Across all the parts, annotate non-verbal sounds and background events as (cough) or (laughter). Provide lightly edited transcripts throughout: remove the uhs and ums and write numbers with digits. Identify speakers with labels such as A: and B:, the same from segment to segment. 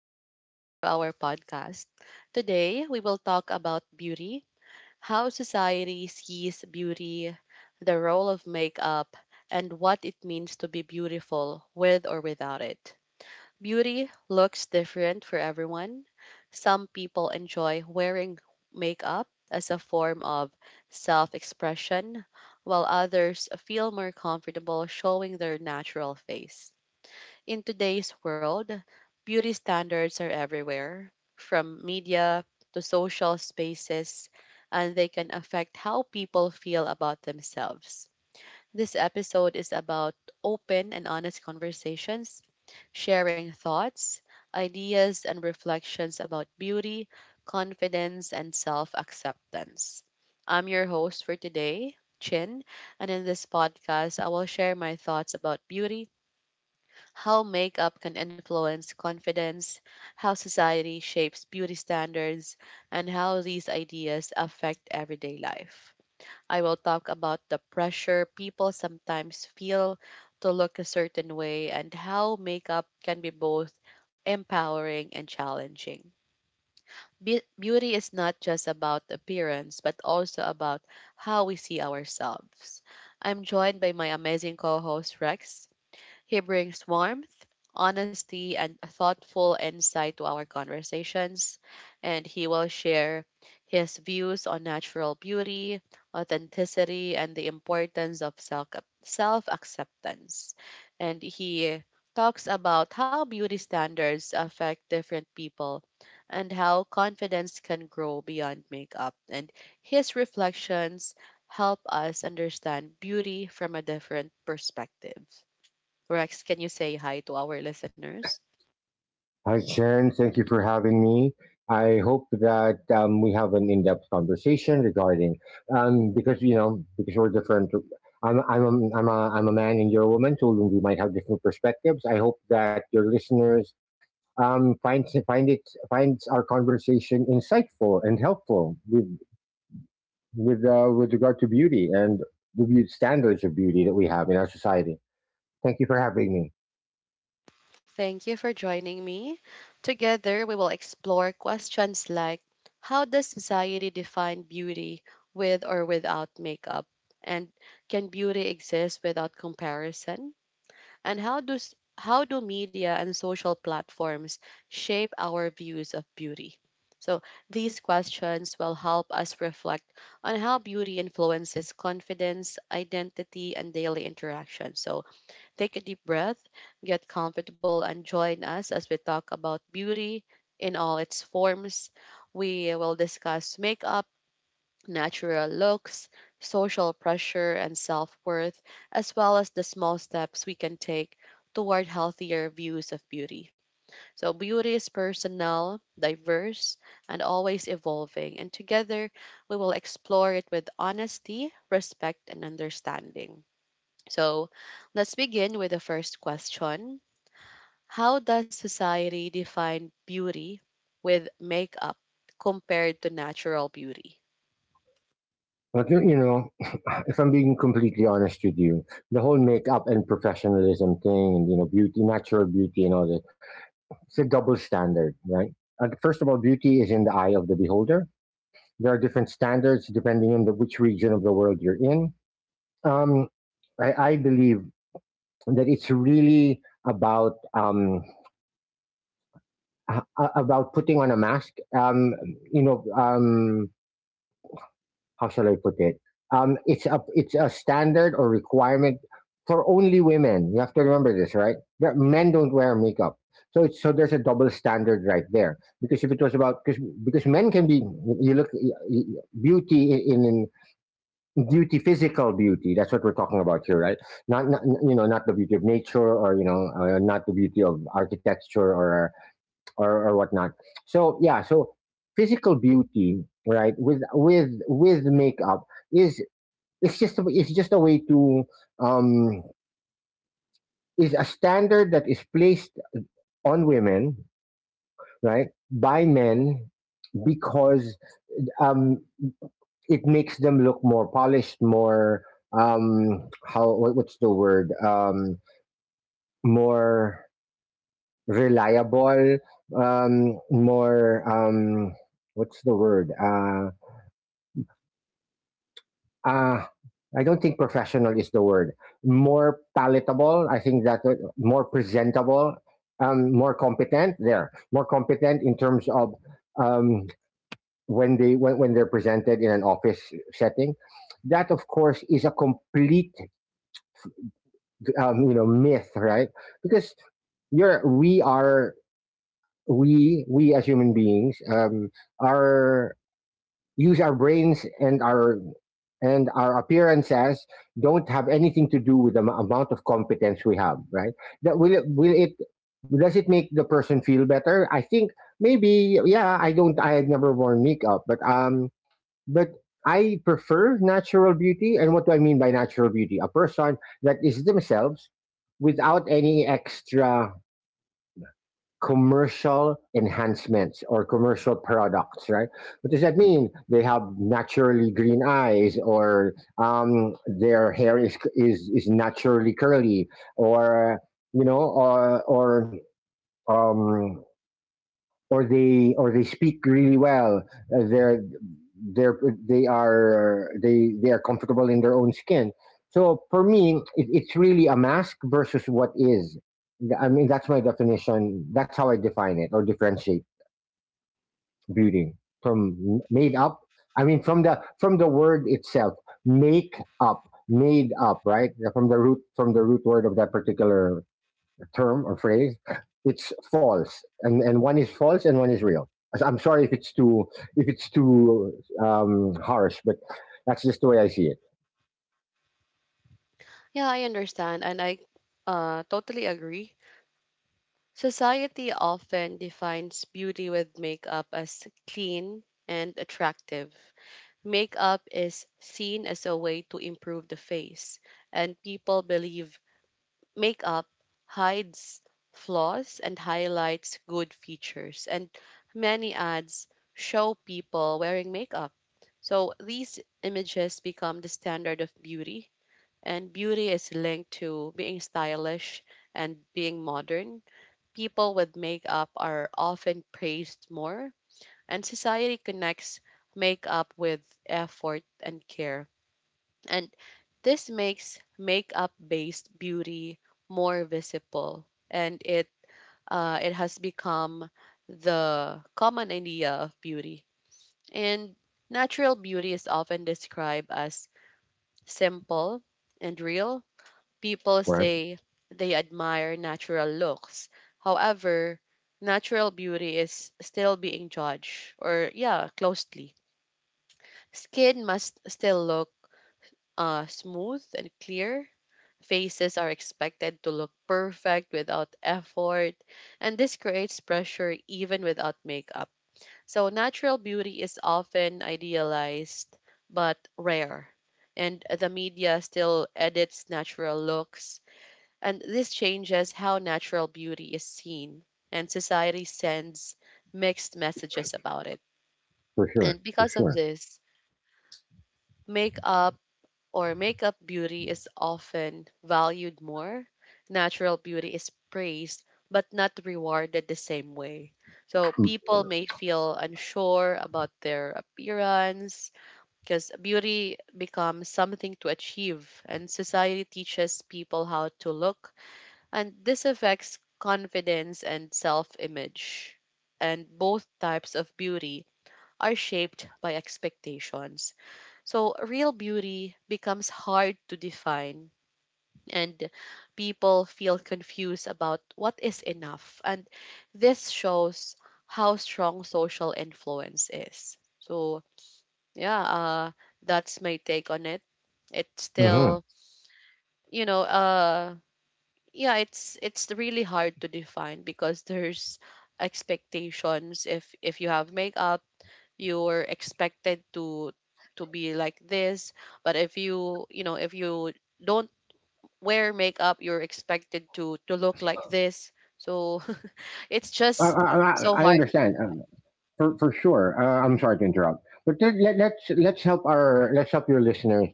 A: welcome back to our podcast. Today, we will talk about beauty, how society sees beauty, the role of makeup, and what it means to be beautiful with or without it. Beauty looks different for everyone. Some people enjoy wearing makeup as a form of self expression, while others feel more comfortable showing their natural face. In today's world, beauty standards are everywhere, from media to social spaces, and they can affect how people feel about themselves. This episode is about open and honest conversations, sharing thoughts, ideas, and reflections about beauty, confidence, and self acceptance. I'm your host for today, Chin, and in this podcast, I will share my thoughts about beauty, how makeup can influence confidence, how society shapes beauty standards, and how these ideas affect everyday life. I will talk about the pressure people sometimes feel to look a certain way and how makeup can be both empowering and challenging. Beauty is not just about appearance, but also about how we see ourselves. I'm joined by my amazing co host, Rex. He brings warmth, honesty, and a thoughtful insight to our conversations, and he will share his views on natural beauty, authenticity, and the importance of self acceptance. And he talks about how beauty standards affect different people and how confidence can grow beyond makeup. And his reflections help us understand beauty from a different perspective. Rex, can you say hi to our listeners?
B: Hi, Sharon. Thank you for having me. I hope that we have an in-depth conversation regarding because you know because we're different. I'm a man and you're a woman, so we might have different perspectives. I hope that your listeners find it finds our conversation insightful and helpful with with regard to beauty and standards of beauty that we have in our society. Thank you for having me.
A: Thank you for joining me. Together, we will explore questions like how does society define beauty with or without makeup? And can beauty exist without comparison? And how do media and social platforms shape our views of beauty? So, these questions will help us reflect on how beauty influences confidence, identity, and daily interaction. So, take a deep breath, get comfortable, and join us as we talk about beauty in all its forms. We will discuss makeup, natural looks, social pressure, and self worth, as well as the small steps we can take toward healthier views of beauty. So, beauty is personal, diverse, and always evolving, and together we will explore it with honesty, respect, and understanding. So let's begin with the first question. How does society define beauty with makeup compared to natural beauty?
B: But you know, (sighs) (laughs) If I'm being completely honest with you, the whole makeup and professionalism thing, and you know, beauty, natural beauty, and all that, it's a double standard, right? And first of all, beauty is in the eye of the beholder. There are different standards depending on which region of the world you're in. Um, I believe that it's really about about putting on a mask. You know, um, how shall I put it? It's a standard or requirement for only women. You have to remember this, right? Men don't wear makeup, so so there's a double standard right there. Because if it was about, because men can be, you look, beauty in beauty, physical beauty. That's what we're talking about here, right? Not not the beauty of nature, or not the beauty of architecture, or or whatnot. So yeah, so physical beauty, right, with with makeup is, it's just it's just a way to, um is a standard that is placed on women, right, by men because, um it makes them look more polished, more, what's the word, more reliable, more, what's the word Uh, I don't think professional is the word. More palatable, I think that more presentable, more competent. More competent in terms of, um, when they when they're presented in an office setting. That, of course, is a complete, you know, myth, right? Because you're we are, we as human beings, are, use our brains, and our, appearances don't have anything to do with the amount of competence we have, right? Will it, does it make the person feel better? I think maybe, yeah. I don't, I had never worn makeup, but but I prefer natural beauty. And what do I mean by natural beauty? A person that is themselves without any extra commercial enhancements or commercial products, right? What does that mean? They have naturally green eyes, or their hair is naturally curly, or you know, or or um, they speak really well. Uh, they're they're they are comfortable in their own skin. So for me, it's really a mask versus what is. I mean, that's my definition. That's how I define it or differentiate beauty from made up. I mean, from the word itself, make up, made up, right? From the root word of that particular term or phrase, it's false, and one is false and one is real. I'm sorry if it's too, if it's too harsh, but that's just the way I see it.
A: Yeah, I understand and I totally agree. Society often defines beauty with makeup as clean and attractive. Makeup is seen as a way to improve the face, and people believe makeup hides flaws and highlights good features, and many ads show people wearing makeup. So these images become the standard of beauty, and beauty is linked to being stylish and being modern. People with makeup are often praised more, and society connects makeup with effort and care. And this makes makeup-based beauty more visible, and it has become the common idea of beauty. And natural beauty is often described as simple and real. People
B: Right,
A: say they admire natural looks. However, natural beauty is still being judged or, yeah, closely. Skin must still look smooth and clear. Faces are expected to look perfect without effort, and this creates pressure even without makeup. So, natural beauty is often idealized but rare, and the media still edits natural looks, and this changes how natural beauty is seen, and society sends mixed messages about it.
B: for
A: And
B: sure, for
A: because of
B: sure.
A: this, makeup or makeup beauty is often valued more. Natural beauty is praised but not rewarded the same way. So people may feel unsure about their appearance because beauty becomes something to achieve, and society teaches people how to look, and this affects confidence and self-image. And both types of beauty are shaped by expectations. So, real beauty becomes hard to define, and people feel confused about what is enough. And this shows how strong social influence is. So, yeah, that's my take on it. It's
B: hmm
A: still, you know, yeah, it's really hard to define because there's expectations. If you have makeup, you're expected to be like this, but if you, you know, if you don't wear makeup, you're expected to look like this. So (laughs) it's just so
B: I
A: hard.
B: understand, for sure. I'm sorry to interrupt, but let's help our, let's help your listeners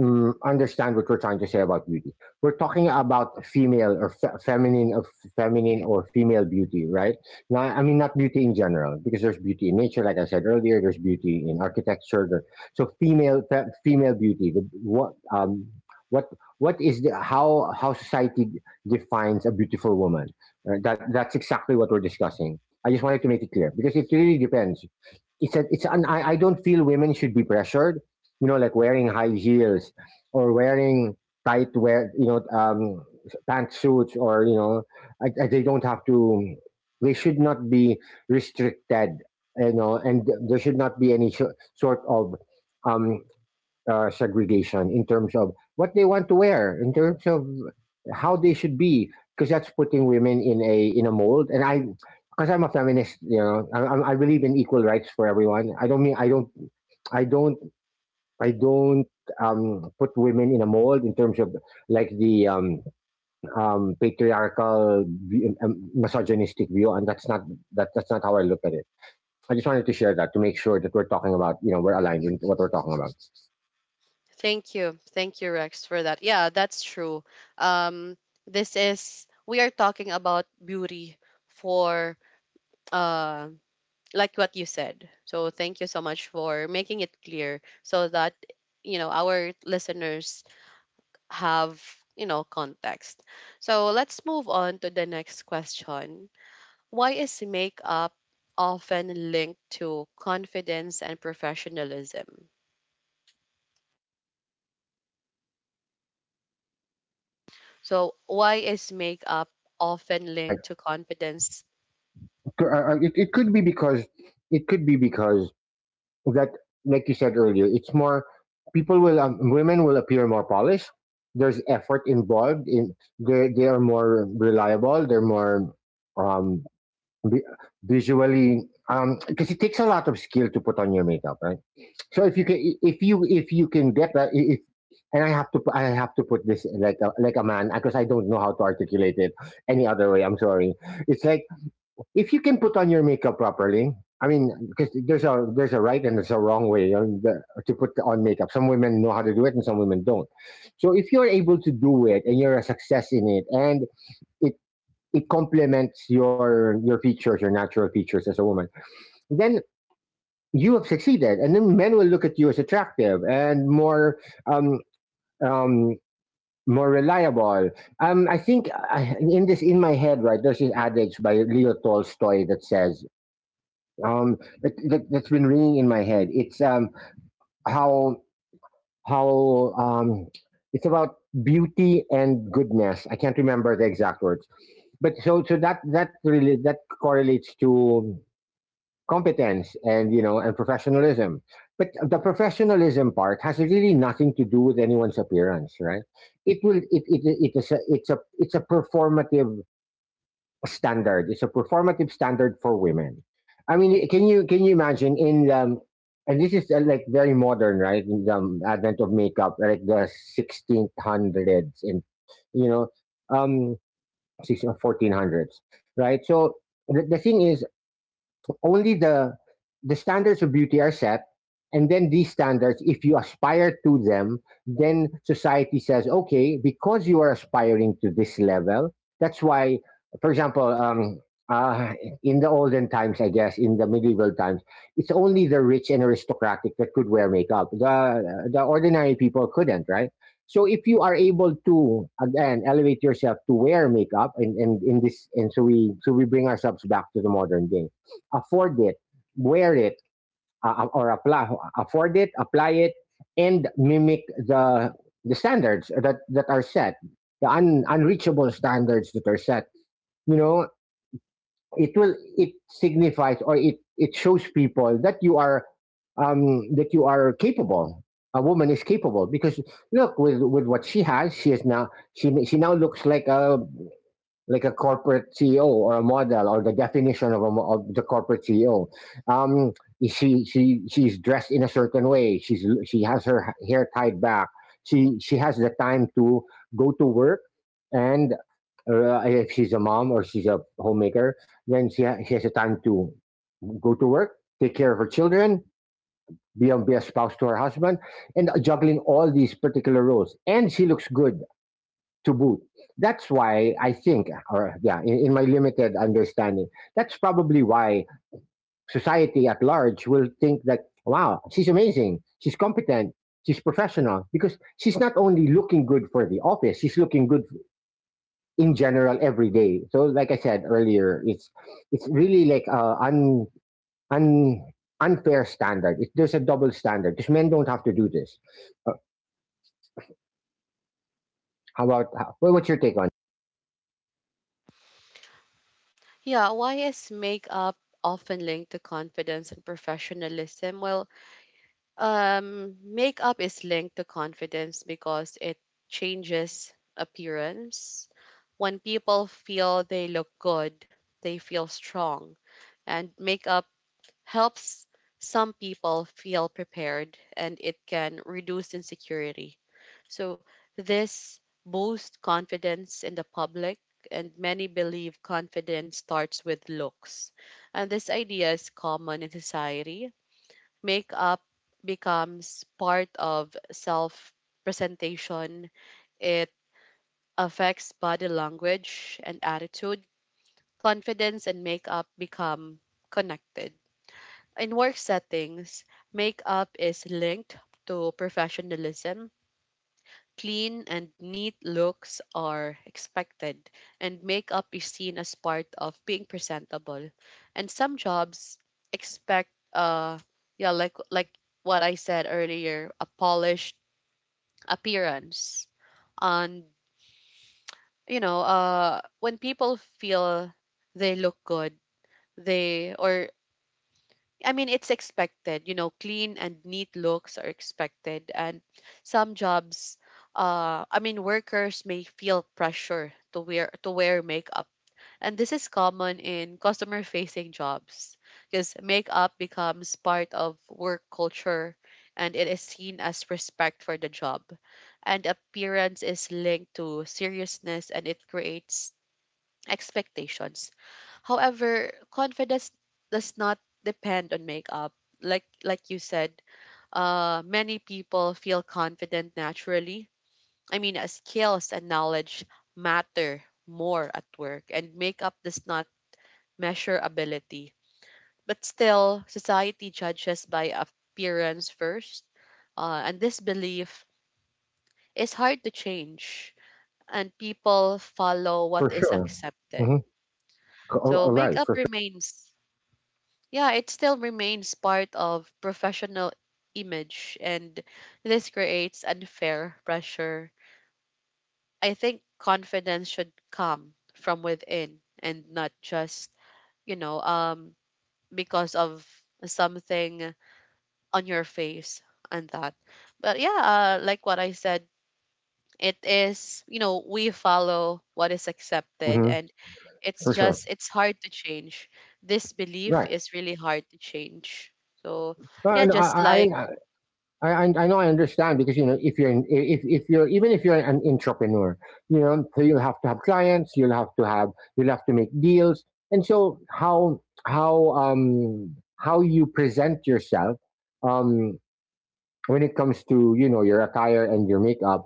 B: understand what we're trying to say about beauty. We're talking about female, or feminine, or feminine, or female beauty, right? Now, I mean not beauty in general, because there's beauty in nature, like I said earlier. There's beauty in architecture. So female, female beauty. What what what is the, how society defines a beautiful woman? That that's exactly what we're discussing. I just wanted to make it clear because it really depends. It's a, it's an, I don't feel women should be pressured, you know, like wearing high heels or wearing tight wear, you know, pantsuits, or, you know, they don't have to, they should not be restricted, you know, and there should not be any sort of um, segregation in terms of what they want to wear, in terms of how they should be, because that's putting women in a mold. Because I'm a feminist, you know, I believe in equal rights for everyone. I don't mean, I don't I don't I don't put women in a mold in terms of, like, the patriarchal misogynistic view, and that's not how I look at it. I just wanted to share that to make sure that we're talking about, you know, we're aligned in what we're talking about.
A: Thank you, thank you, Rex, for that. Yeah, that's true. um this is, we are talking about beauty for, uh like what you said, so thank you so much for making it clear so that, you know, our listeners have, you know, context. So let's move on to the next question. Why is makeup often linked to confidence and professionalism? So why is makeup often
B: Right.
A: linked to confidence?
B: It, it could be because, it could be because that, like you said earlier, it's more, people will, women will appear more polished. There's effort involved in, they are more reliable. They're more um vi- visually, because it takes a lot of skill to put on your makeup, right? So if you can, if you can get that, I- if and I have to I have to put this like a man, because I don't know how to articulate it any other way, I'm sorry. It's like, if you can put on your makeup properly, I mean, because there's a, there's a right and there's a wrong way on to put on makeup. Some women know how to do it, and some women don't. So if you're able to do it and you're a success in it, and it, it complements your features, your natural features as a woman. Then you have succeeded, and then men will look at you as attractive and more, um, um, more reliable. I think I, in this in my head, right? There's this adage by Leo Tolstoy that says, um, that's been ringing in my head. It's, how how it's about beauty and goodness. I can't remember the exact words, but, that that really, that correlates to competence, and you know, and professionalism. But the professionalism part has really nothing to do with anyone's appearance, right? It will, it is a, it's a, it's a performative standard. It's a performative standard for women. I mean, can you, can you imagine in, and this is, like, very modern, right, in the, advent of makeup, like the 1600s and, you know, um sixteen fourteen hundreds, right? So the thing is only the standards of beauty are set, and then these standards, if you aspire to them, then society says, okay, because you are aspiring to this level. That's why, for example, uh, in the olden times, I guess in the medieval times, it's only the rich and aristocratic that could wear makeup. The ordinary people couldn't, right? So if you are able to again elevate yourself to wear makeup, and in this, and so we bring ourselves back to the modern day, afford it, wear it, uh, uh, or apply, afford it, apply it, and mimic the standards that, that are set, the unreachable standards that are set. You know, it will, it signifies, or it shows people that you are, that you are capable. A woman is capable because, look, with what she has, she is now, she now looks like a, like a corporate CEO, or a model, or the definition of, a, of the corporate CEO. Um, she's dressed in a certain way. She has her hair tied back. She has the time to go to work, and if she's a mom or she's a homemaker, then she has the time to go to work, take care of her children, be a spouse to her husband, and juggling all these particular roles. And she looks good to boot. That's why I think, or yeah, in my limited understanding, that's probably why society at large will think that, wow, she's amazing, she's competent, she's professional, because she's not only looking good for the office, she's looking good in general every day. So, like I said earlier, it's really like, un un unfair standard. There's a double standard because men don't have to do this. Uh, how about how, well, what's your take on?
A: Yeah, why is makeup often linked to confidence and professionalism? Well, makeup is linked to confidence because it changes appearance. When people feel they look good, they feel strong. And makeup helps some people feel prepared, and it can reduce insecurity. So, this boosts confidence in the public, and many believe confidence starts with looks. And this idea is common in society. Makeup becomes part of self presentation. It affects body language and attitude. Confidence and makeup become connected. In work settings, makeup is linked to professionalism. Clean and neat looks are expected, and makeup is seen as part of being presentable. And some jobs expect, yeah, like what I said earlier, a polished appearance. And you know, when people feel they look good, they, or I mean, it's expected. You know, clean and neat looks are expected. And some jobs, I mean, workers may feel pressure to wear makeup. And this is common in customer facing jobs because makeup becomes part of work culture, and it is seen as respect for the job. And appearance is linked to seriousness, and it creates expectations. However, confidence does not depend on makeup. Like you said, many people feel confident naturally. I mean, skills and knowledge matter more at work, and makeup does not measure ability. But still, society judges by appearance first, and this belief is hard to change. And people follow what
B: For
A: is
B: sure.
A: accepted.
B: Mm-hmm.
A: So
B: All right,
A: makeup
B: for
A: remains, yeah, it still remains part of professional image, and this creates unfair pressure. I think confidence should come from within and not just, you know, because of something on your face and that. But yeah, like what I said, it is, you know, we follow what is
B: sure.
A: accepted,
B: Mhm.
A: and it's
B: For sure.
A: just it's hard to change. This belief
B: Right.
A: is really hard to change. So, yeah,
B: No,
A: just
B: I, I
A: like,
B: I I I know, I understand because you know if if you're, even if you're an entrepreneur, you know, so you'll have to have clients, you'll have to have, you'll have to make deals, and so how how you present yourself um when it comes to you know your attire and your makeup.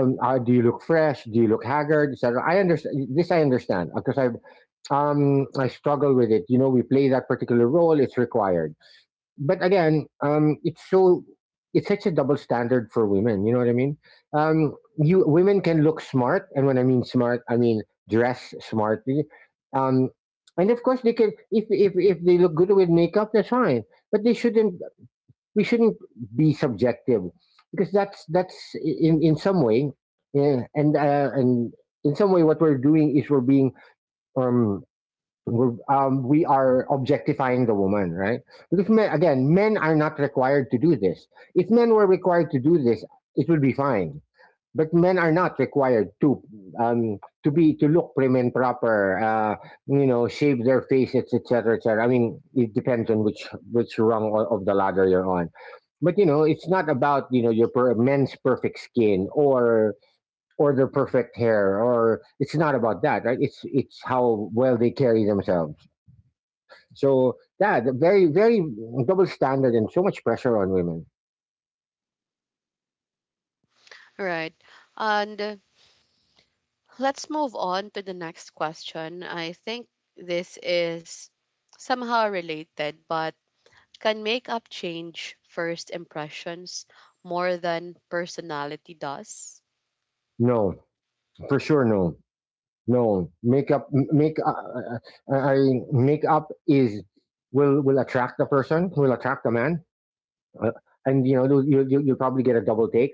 B: Do you look fresh? Do you look haggard, etc. I understand this. I understand because I I struggle with it. You know, we play that particular role; it's required. But again, it's it's such a double standard for women. You know what I mean? You women can look smart, and when I mean smart, I mean dress smartly. Um, and of course, they can, if they look good with makeup, that's fine. But they shouldn't. We shouldn't be subjective because that's in some way, yeah, and in some way, what we're doing is um we are objectifying the woman, right? Because men, again, men are not required to do this. If men were required to do this, it would be fine. But men are not required to be to look prim and proper, you know, shave their faces, etc., etc. I mean, it depends on which of the ladder you're on. But you know, it's not about you know your men's perfect skin, or their perfect hair. Or it's not about that, right? It's how well they carry themselves. So yeah, the very double standard and so much pressure on women.
A: right. And let's move on to the next question. I think this is somehow related, but can makeup change first impressions more than personality does?
B: No, for sure, no, no. Makeup, uh, I makeup is, will attract the person, will attract the man, uh, and you know you'll probably get a double take.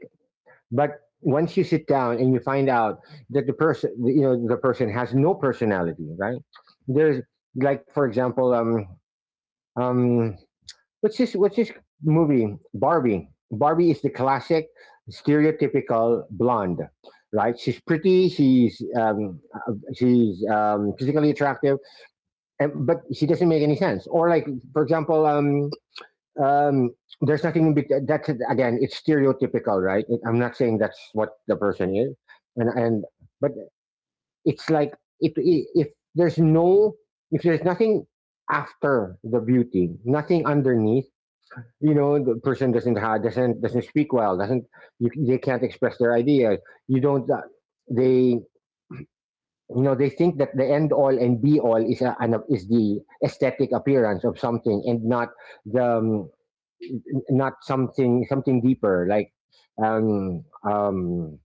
B: But once you sit down and you find out that the person, you know, the person has no personality, right? There's, like, for example, um, what's this? What's this movie? Barbie. Barbie is the classic, stereotypical blonde, right? She's pretty. She's physically attractive, and, but she doesn't make any sense. Or like, for example, um, there's nothing in bet- that's, again, it's stereotypical, right? It, I'm not saying that's what the person is, and but it's like, if there's no, if there's nothing after the beauty, nothing underneath, you know, the person doesn't speak well, doesn't you, they can't express their ideas, you don't they you know, they think that the end all and be all is is the aesthetic appearance of something, and not the not something, something deeper, like um um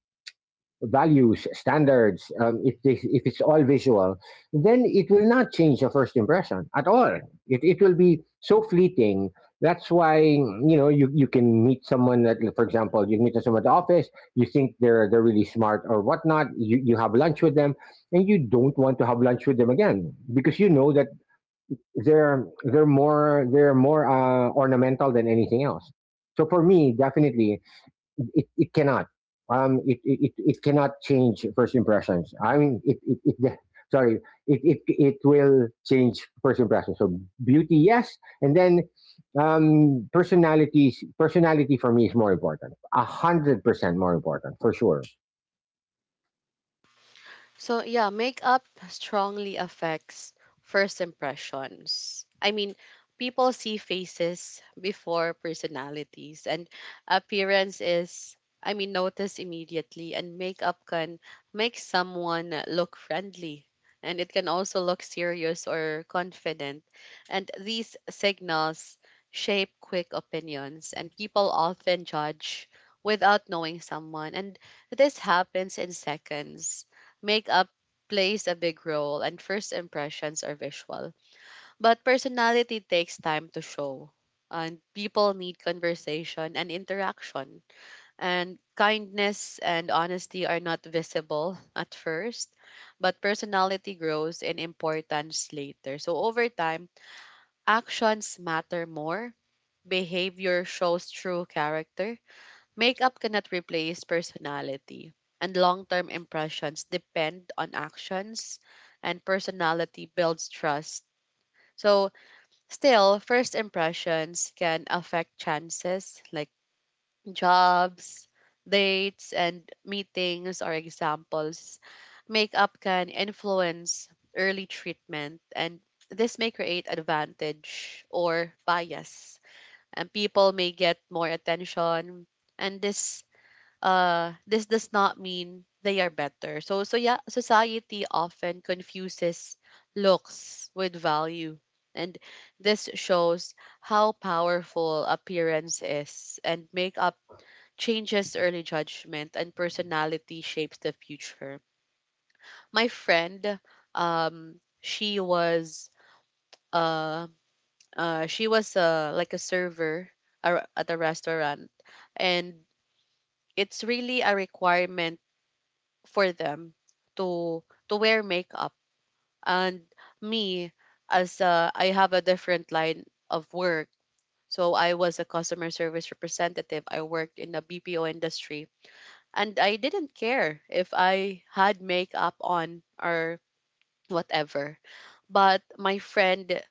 B: values, standards. If, this, if it's all visual, then it will not change the first impression at all. It will be so fleeting. That's why, you know, you can meet someone that, for example, you meet someone at the office, you think they're really smart or whatnot, you have lunch with them, and you don't want to have lunch with them again because you know that they're more ornamental than anything else. So for me, definitely, it cannot. It cannot change first impressions. I mean, it (laughs) sorry, it will change first impressions. So beauty, yes. And then, personality for me is more important. 100% more important for sure.
A: So yeah, makeup strongly affects first impressions. I mean, people see faces before personalities, and appearance is, I mean, noticed immediately, and makeup can make someone look friendly, and it can also look serious or confident, and these signals shape quick opinions, and people often judge without knowing someone, and this happens in seconds. Makeup plays a big role, and first impressions are visual. But personality takes time to show. And people need conversation and interaction. And kindness and honesty are not visible at first, but personality grows in importance later. So, over time, actions matter more, behavior shows true character. Makeup cannot replace personality, and long term impressions depend on actions, and personality builds trust. So, still, first impressions can affect chances like jobs, dates, and meetings are examples. Makeup can influence early treatment, and this may create advantage or bias. And people may get more attention, and this does not mean they are better. So, so yeah, society often confuses looks with value. And this shows how powerful appearance is, and makeup changes early judgment, and personality shapes the future. My friend, um, she was uh, she was like a server at a restaurant, and it's really a requirement for them to to wear makeup. And me, as I have a different line of work, so I was a customer service representative. I worked in the BPO industry and I didn't care if I had makeup on or whatever. But my friend,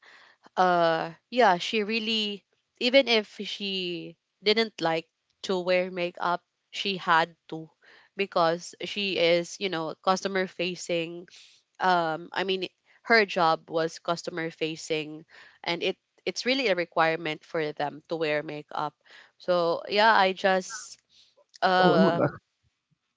A: yeah, she really, even if she didn't like to wear makeup, she had to because she is, you know, customer facing. I mean, her job was customer facing, and it's really a requirement for them to wear makeup. So yeah, I just um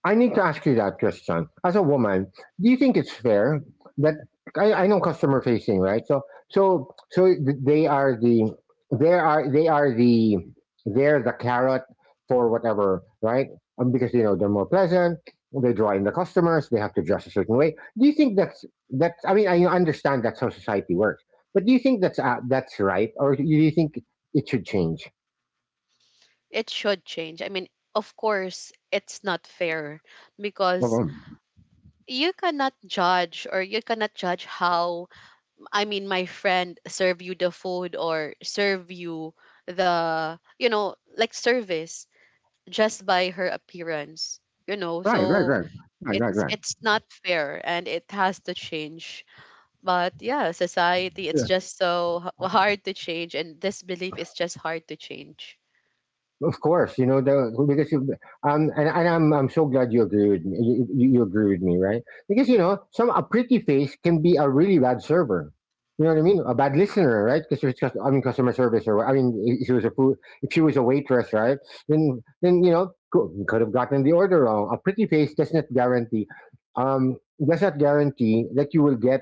B: I need to ask you that, Christian. As a woman, do you think it's fair that, I know customer facing, right? So, they are the, they are they're the carrot for whatever, right? Because you know they're more pleasant. They draw in the customers. They have to dress a certain way. Do you think that's? I mean, I understand that's how society works, but do you think that's, that's right, or do you think it should change?
A: it should change. I mean, of course it's not fair because
B: Mhm.
A: you cannot judge, or you cannot judge how, I mean, my friend serve you the food or serve you the, you know, like service just by her appearance, you know.
B: Right, right,
A: So
B: right, right, right,
A: it's
B: right.
A: not fair and it has to change. But yeah, society, it's just so hard to change, and this belief is just hard to change.
B: Of course, you know the, because you and I'm so glad you agree with me. You agree with me, right? Because you know some, a pretty face can be a really bad server. You know what I mean? A bad listener, right? Because I mean customer service, or I mean if she was a food, if she was a waitress, right? Then you know, could have gotten the order wrong. A pretty face um does not guarantee that you will get,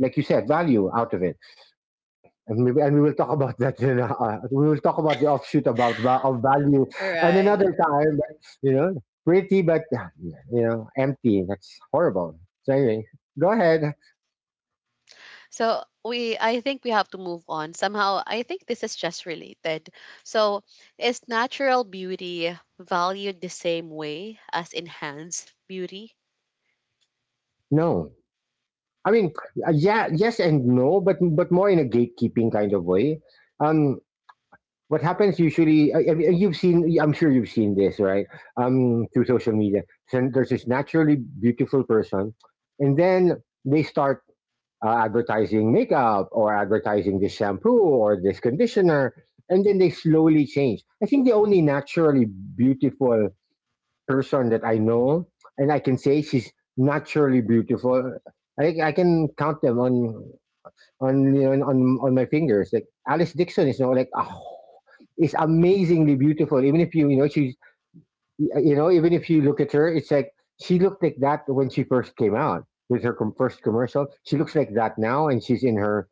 B: like you said, value out of it. And maybe, and we will talk about that in a, we will talk about the offshoot about of value
A: All
B: and
A: right,
B: another time, but, you know, pretty but you know, empty. That's horrible. So anyway, go ahead.
A: so we I think we have to move on somehow. I think this is just related. So, is natural beauty valued the same way as enhanced beauty?
B: No, I mean, yeah, yes and no, but more in a gatekeeping kind of way. Um, what happens usually? I mean, you've seen. I'm sure you've seen this, right? Through social media, then there's this naturally beautiful person, and then they start, advertising makeup or advertising this shampoo or this conditioner, and then they slowly change. I think the only naturally beautiful person that I know, and I can say she's naturally beautiful, I can count them on, you know, on my fingers. Like Alice Dixon is, you, like, oh, is amazingly beautiful. Even if you, you know, she's, you know, even if you look at her, it's like she looked like that when she first came out with her first commercial. She looks like that now, and she's in her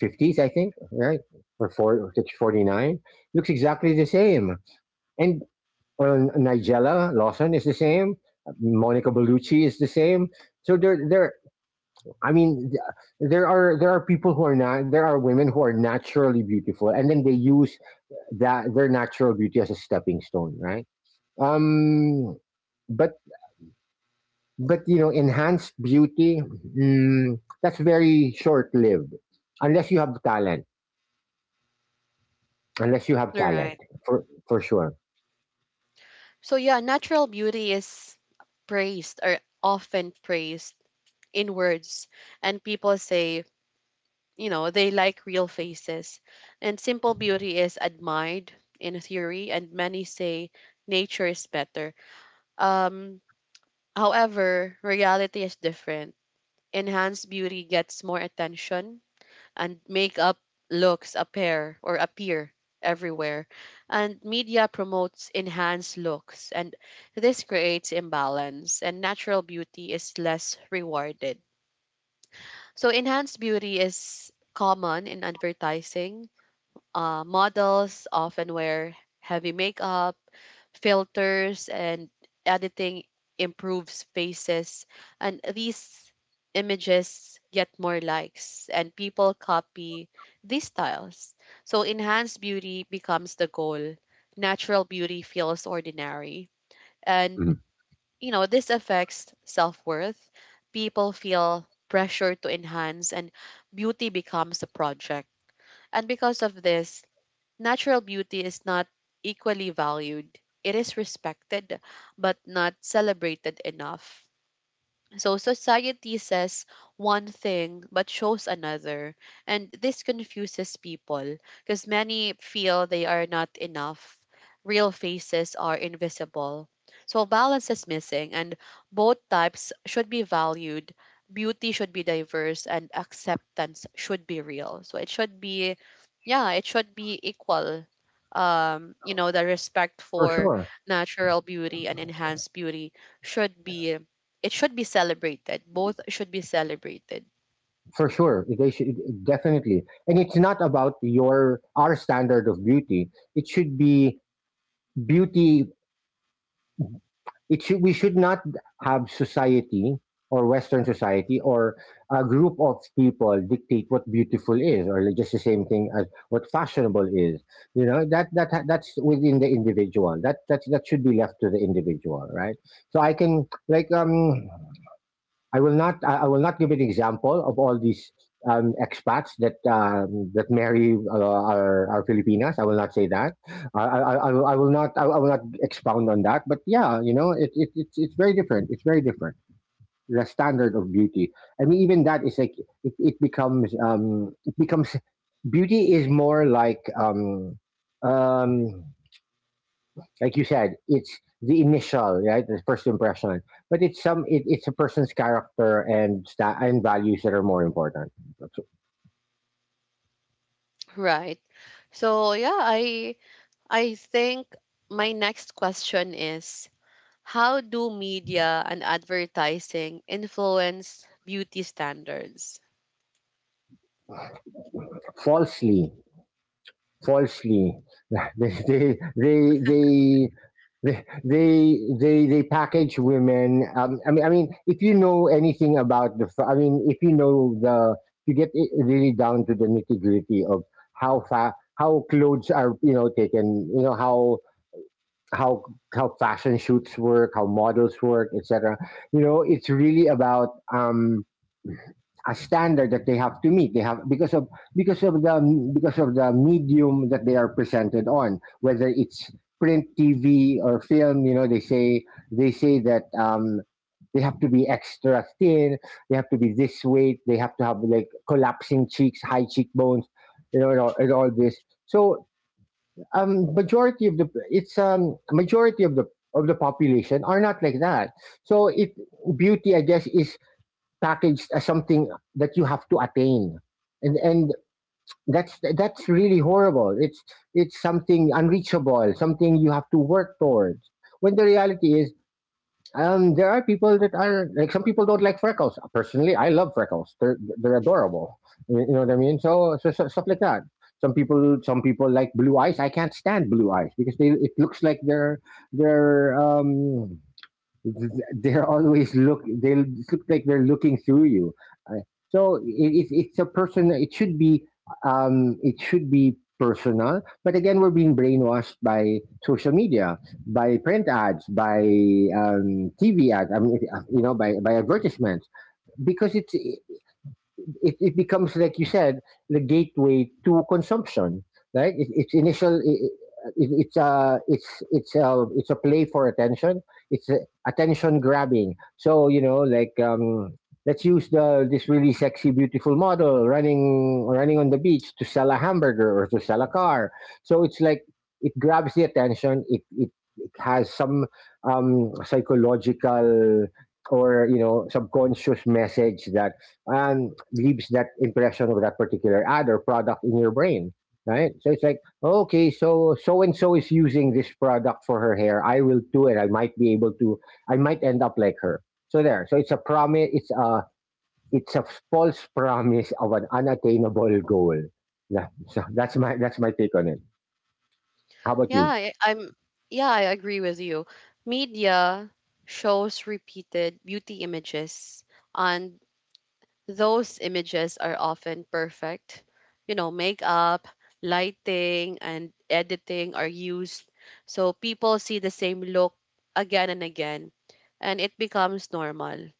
B: 50s, I think, right? Or, four, or looks exactly the same. And Nigella Lawson is the same. Monica Bellucci is the same. So there, there. I mean, there are, there are people who are not. There are women who are naturally beautiful, and then they use that, their natural beauty, as a stepping stone, right? Um, but but you know, enhanced beauty, mm, that's very short lived, unless you have talent. Unless you have
A: All
B: talent,
A: right.
B: for sure.
A: So yeah, natural beauty is praised, or often praised in words, and people say, you know, they like real faces. And simple beauty is admired in theory, and many say nature is better. Um, however, reality is different. Enhanced beauty gets more attention, and makeup looks appear, or appear everywhere. And media promotes enhanced looks, and this creates imbalance, and natural beauty is less rewarded. So, enhanced beauty is common in advertising. Models often wear heavy makeup, filters, and editing improves faces. And these images get more likes, and people copy these styles. So enhanced beauty becomes the goal. Natural beauty feels ordinary. And,
B: Mhm.
A: you know, this affects self worth. People feel pressure to enhance, and beauty becomes a project. And because of this, natural beauty is not equally valued. It is respected, but not celebrated enough. So society says one thing but shows another, and this confuses people because many feel they are not enough. Real faces are invisible. So balance is missing, and both types should be valued. Beauty should be diverse, and acceptance should be real. So it should be, yeah, it should be equal. You know, the respect
B: For
A: for
B: sure,
A: natural beauty and enhanced beauty should be, it should be celebrated. Both should be celebrated.
B: for sure, they should, definitely. And it's not about your, our standard of beauty. It should be beauty. It should, we should not have society, or Western society, or a group of people dictate what beautiful is, or like just the same thing as what fashionable is. You know, that that's within the individual. That that should be left to the individual, right? So I can, like, I will not, I will not give an example of all these expats that that marry, are Filipinas. I will not say that. I will not. I will not expound on that. But yeah, you know, it's very different. It's very different. The standard of beauty. I mean, even that is like, it becomes beauty, is more um, like you said, it's the initial, right? The first impression. But it's, some, it's a person's character and and values that are more important.
A: Right. So yeah, I think my next question is, how do media and advertising influence beauty standards?
B: Falsely, falsely, (laughs) they they they. they they they package women, I mean, I mean, if you know anything about the I mean, if you know the, you get it really down to the nitty-gritty of how how clothes are, you know, taken, you know, how, how how fashion shoots work, how models work, etc. You know, it's really about um, a standard that they have to meet. They have because of, because of the medium that they are presented on, whether it's print, TV, or film. You know, they say that they have to be extra thin, they have to be this weight, they have to have like collapsing cheeks, high cheekbones, you know, and all this. So majority of the it's majority of the, of the population are not like that. So it beauty, I guess, is packaged as something that you have to attain, and that's really horrible. It's something unreachable, something you have to work towards. When the reality is, there are people that are like, some people don't like freckles. Personally, I love freckles. They're adorable. You know what I mean? So, so, so stuff like that. Some people, some people like blue eyes. I can't stand blue eyes because they it looks like they're um they look like they're looking through you. Uh, so it, it's it's a person. It should be it should be personal, but again, we're being brainwashed by social media, by print ads, by tv ads. By advertisements, because it becomes, like you said, the gateway to consumption, right? it, it's initial it, it, it's a play for attention. it's a, Attention grabbing. So, you know, like, let's use the this really sexy, beautiful model running on the beach to sell a hamburger or to sell a car. So it's like, it grabs the attention. It has some psychological or, you know, subconscious message that leaves that impression of that particular ad or product in your brain, right? So it's like, okay, so so and so is using this product for her hair. I will do it. I might be able to. I might end up like her. So there. So it's a promise. It's a false promise of an unattainable goal. Yeah. So that's my take on it. How about
A: Yeah,
B: you?
A: I'm yeah, I agree with you. Media shows repeated beauty images, and those images are often perfect. You know, makeup, lighting, and editing are used so people see the same look again and again, and it becomes normal.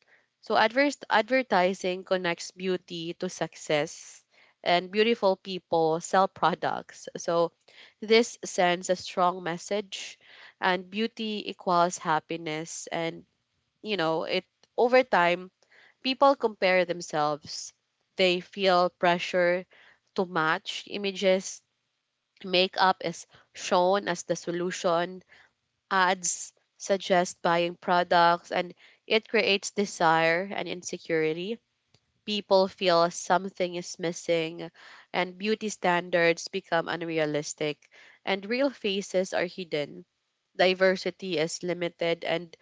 A: So, advers advertising connects beauty to success, and beautiful people sell products. So, this sends a strong message, and beauty equals happiness. And, you know, it, over time, people compare themselves. They feel pressure to match images. Makeup is shown as the solution. Ads suggest buying products, and it creates desire and insecurity. People feel something is missing, and beauty standards become unrealistic, and real faces are hidden. Diversity is limited, and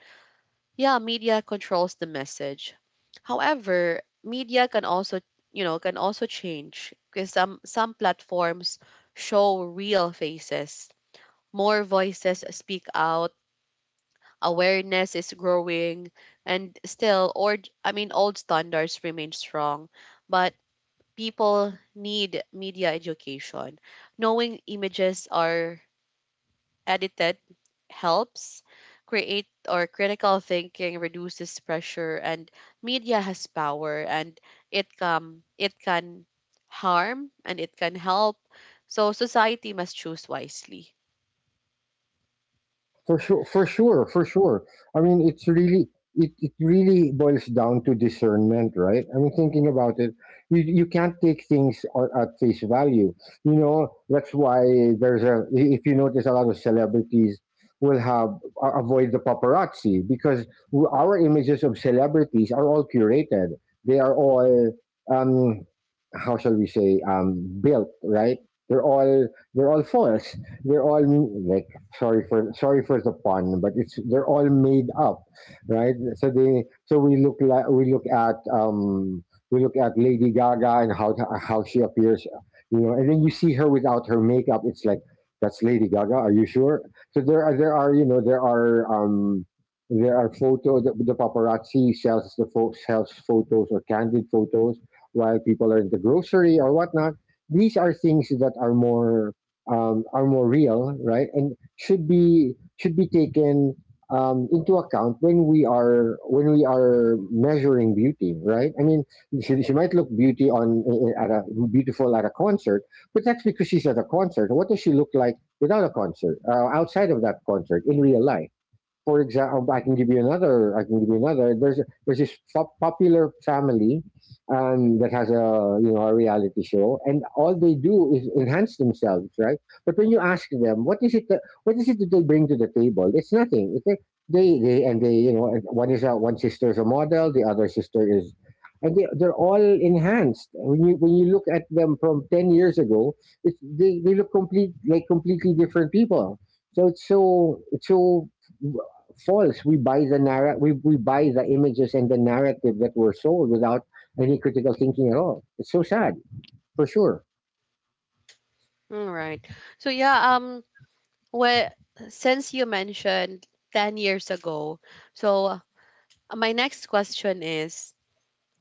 A: yeah, media controls the message. However, media can also, you know, can also change because some platforms show real faces. More voices speak out, awareness is growing, and still, or I mean, old standards remain strong, but people need media education. Knowing images are edited helps create, or critical thinking reduces pressure, and media has power, and it can harm and it can help. So society must choose wisely.
B: For sure, for sure, for sure. I mean, it's really it really boils down to discernment, right? I mean, thinking about it, you can't take things or at face value. You know, that's why there's a if you notice, a lot of celebrities will avoid the paparazzi, because our images of celebrities are all curated. They are all um how shall we say, built, right? They're all they're all false. They're all, like, sorry for the pun, but it's, they're all made up, right? So they so we look like we look at Lady Gaga and how she appears, you know, and then you see her without her makeup. It's like, that's Lady Gaga. Are you sure? So there are you know, there are photos. The paparazzi sells sells photos, or candid photos while people are in the grocery or whatnot. These are things that are more real, right? And should be, taken into account when we are, when we are measuring beauty, right? I mean, she might look beauty on at a beautiful at a concert, but that's because she's at a concert. What does she look like without a concert? Outside of that concert, in real life? For example, I can give you another. There's this popular family, that has, a you know, a reality show, and all they do is enhance themselves, right? But when you ask them, what is it that they bring to the table, it's nothing. It's like, they and they you know, and one sister is a model, the other sister is. And they're all enhanced. When you, look at them from 10 years ago, they look completely different people. So it's, so false. We buy the we buy the images and the narrative that were sold without any critical thinking at all. It's so sad, for sure.
A: All right. So yeah, um, well, since you mentioned 10 years ago, so my next question is,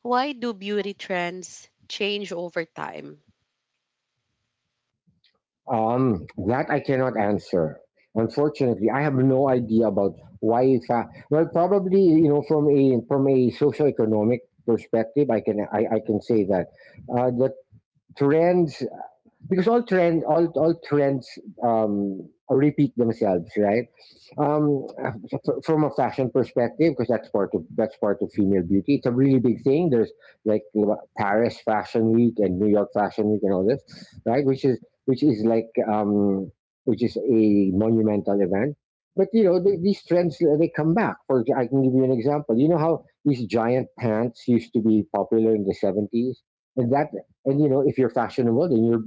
A: why do beauty trends change over time?
B: That I cannot answer. Unfortunately, I have no idea about why. Well, probably, you know, from a socioeconomic perspective, I can, I can say that the trends, because all trends repeat themselves, right? um from a fashion perspective, because that's part of, female beauty, it's a really big thing. There's, like, you know, Paris Fashion Week and New York Fashion Week and all this, right? Which is which is like um which is a monumental event. But you know, these trends, they come back. I can give you an example. You know how these giant pants used to be popular in the 70s, and that and you know, if you're fashionable, then you're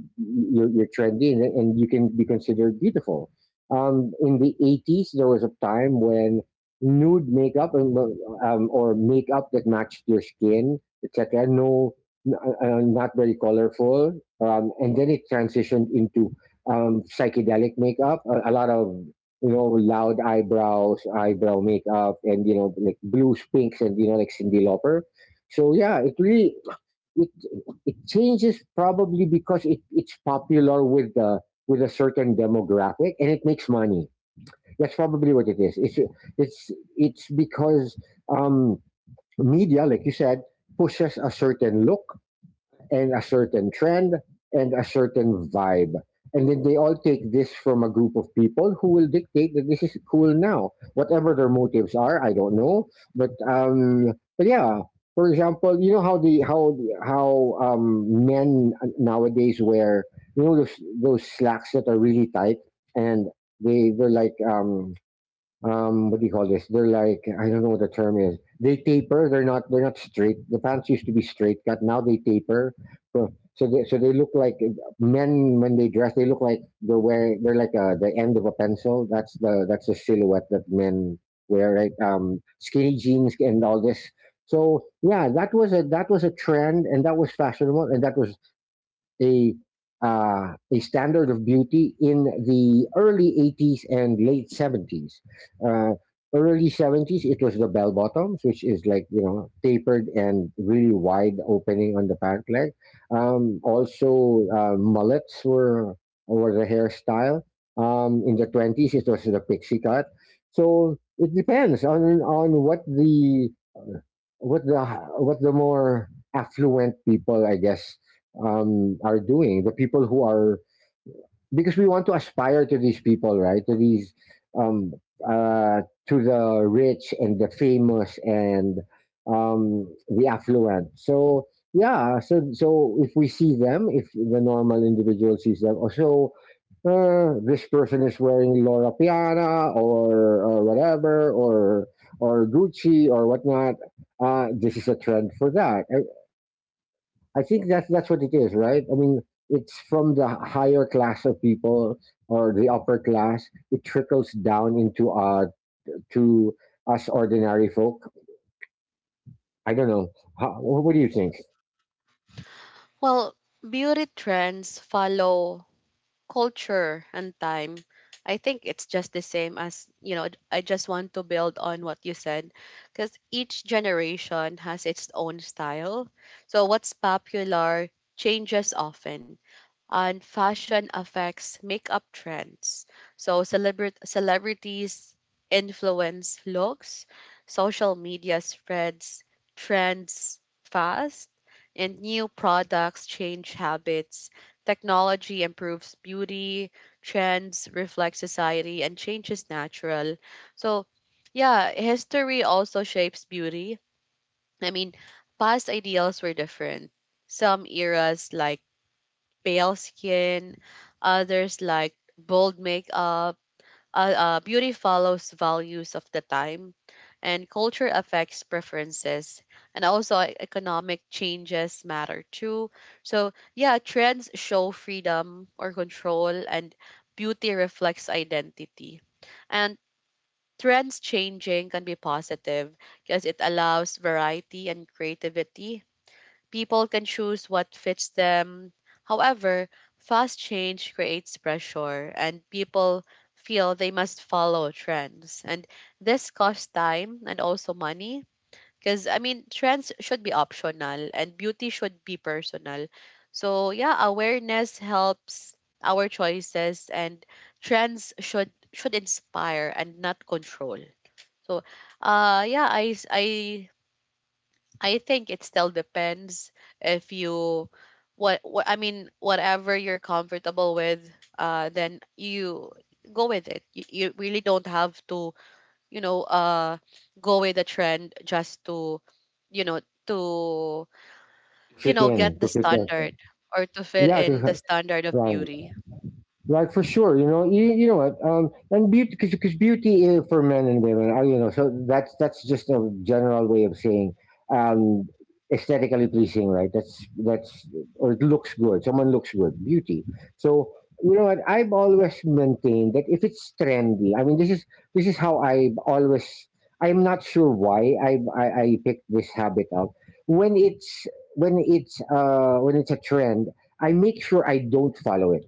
B: you're, you're trendy, and you can be considered beautiful. In the 80s, there was a time when nude makeup, and, well, or makeup that matched your skin, etc. N- Not very colorful, and then it transitioned into psychedelic makeup. A lot of, you know, loud eyebrows, eyebrow makeup, and, you know, like blues, pinks, and, you know, like Cindy Lauper. So yeah, it really, it changes, probably because it's popular with a certain demographic, and it makes money. That's probably what it is. It's it's because um, media, like you said, pushes a certain look, and a certain trend, and a certain vibe. And then they all take this from a group of people who will dictate that this is cool now. Whatever their motives are, I don't know. But um, but yeah, for example, you know how men nowadays wear, you know, those slacks that are really tight, and they they're like what do you call this? They're like, I don't know what the term is. They taper. They're not straight. The pants used to be straight cut. Now they taper. So so they look like, men when they dress, they look like they're wearing, they're like, the end of a pencil. That's the, silhouette that men wear, right? Skinny jeans and all this. So yeah, that was a, trend, and that was fashionable, and that was a, a standard of beauty in the early 80s and late 70s. Uh, Early 70s, it was the bell bottoms, which is like, you know, tapered and really wide opening on the pant leg. Mullets were, the hairstyle. In the 20s, it was the pixie cut. So it depends on, what the, what the more affluent people, I guess, are doing. The people who are, because we want to aspire to these people, right? To these, um, uh, to the rich and the famous, and the affluent. So yeah, so, if we see them, if the normal individual sees them, or so, this person is wearing Laura Piana, or whatever, or Gucci, or whatnot. This is a trend for that. I think that's, what it is, right? I mean, it's from the higher class of people, or the upper class. It trickles down into, to us ordinary folk. I don't know. How, what do you think?
A: Well, beauty trends follow culture and time. I think it's just the same. As you know, I just want to build on what you said, because each generation has its own style, so what's popular changes often, and fashion affects makeup trends. So celebrities influence looks, social media spreads trends fast, and new products change habits. Technology improves beauty, trends reflect society, and change is natural. So, yeah, history also shapes beauty. I mean, past ideals were different. Some eras, like pale skin, others like bold makeup. Beauty follows values of the time, and culture affects preferences, and also economic changes matter too. So, yeah, trends show freedom or control, and beauty reflects identity. And trends changing can be positive because it allows variety and creativity. People can choose what fits them. However, fast change creates pressure, and people feel they must follow trends. And this costs time and also money. Because, I mean, trends should be optional and beauty should be personal. So, yeah, awareness helps our choices, and trends should inspire and not control. So, yeah, I I think it still depends. If you, what I mean, whatever you're comfortable with, uh, then you go with it. You really don't have to, you know, uh, go with the trend just to, you know, to, you
B: Fit
A: know, get
B: in,
A: the
B: to fit in.
A: standard, or to fit
B: Yeah,
A: in
B: to,
A: the standard of
B: right.
A: beauty.
B: Like, for sure, you know, you know what, and beauty, because, beauty is for men and women, are, you know, so that's, just a general way of saying, um, aesthetically pleasing, right? That's, or it looks good. Someone looks good, beauty. So you know what, I've always maintained that if it's trendy, I mean, this is, how I always. I'm not sure why I picked this habit up. When it's, a trend, I make sure I don't follow it.